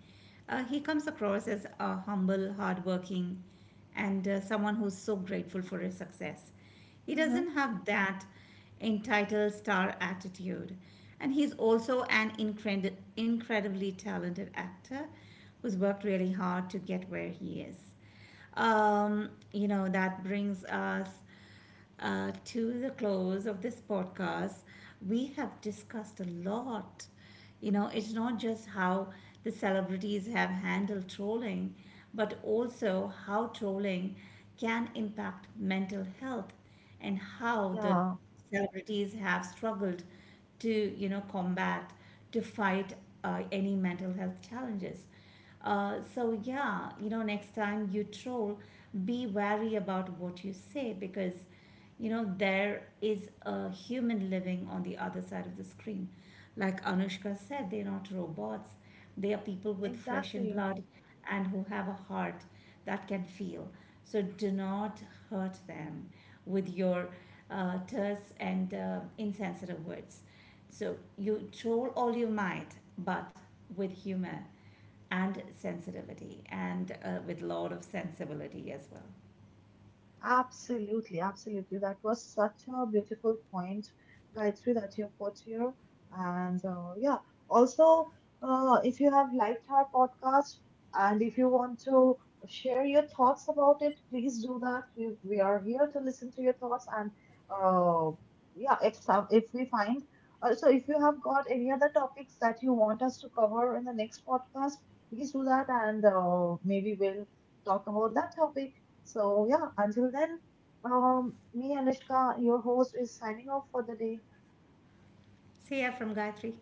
he comes across as a humble, hardworking, and someone who's so grateful for his success. He Mm-hmm. doesn't have that entitled star attitude, and he's also an incredibly talented actor who's worked really hard to get where he is. You know that brings us to the close of this podcast. We have discussed a lot. You know, it's not just how the celebrities have handled trolling, but also how trolling can impact mental health and how the Yeah, celebrities have struggled to, you know, combat, to fight any mental health challenges. So yeah, you know, next time you troll, be wary about what you say because, you know, there is a human living on the other side of the screen. Like Anushka said, they're not robots. They are people with flesh and exactly. blood and who have a heart that can feel. So do not hurt them with your terse and insensitive words. So you troll all you might, but with humor and sensitivity and with a lot of sensibility as well. Absolutely, absolutely. That was such a beautiful point, Gayatri, that you put here. And yeah, also, if you have liked our podcast and if you want to share your thoughts about it, please do that. We are here to listen to your thoughts. And uh, yeah, if we find also, if you have got any other topics that you want us to cover in the next podcast, please do that. And maybe we'll talk about that topic. So, yeah, until then, me, Anushka, your host, is signing off for the day. See ya from Gayatri.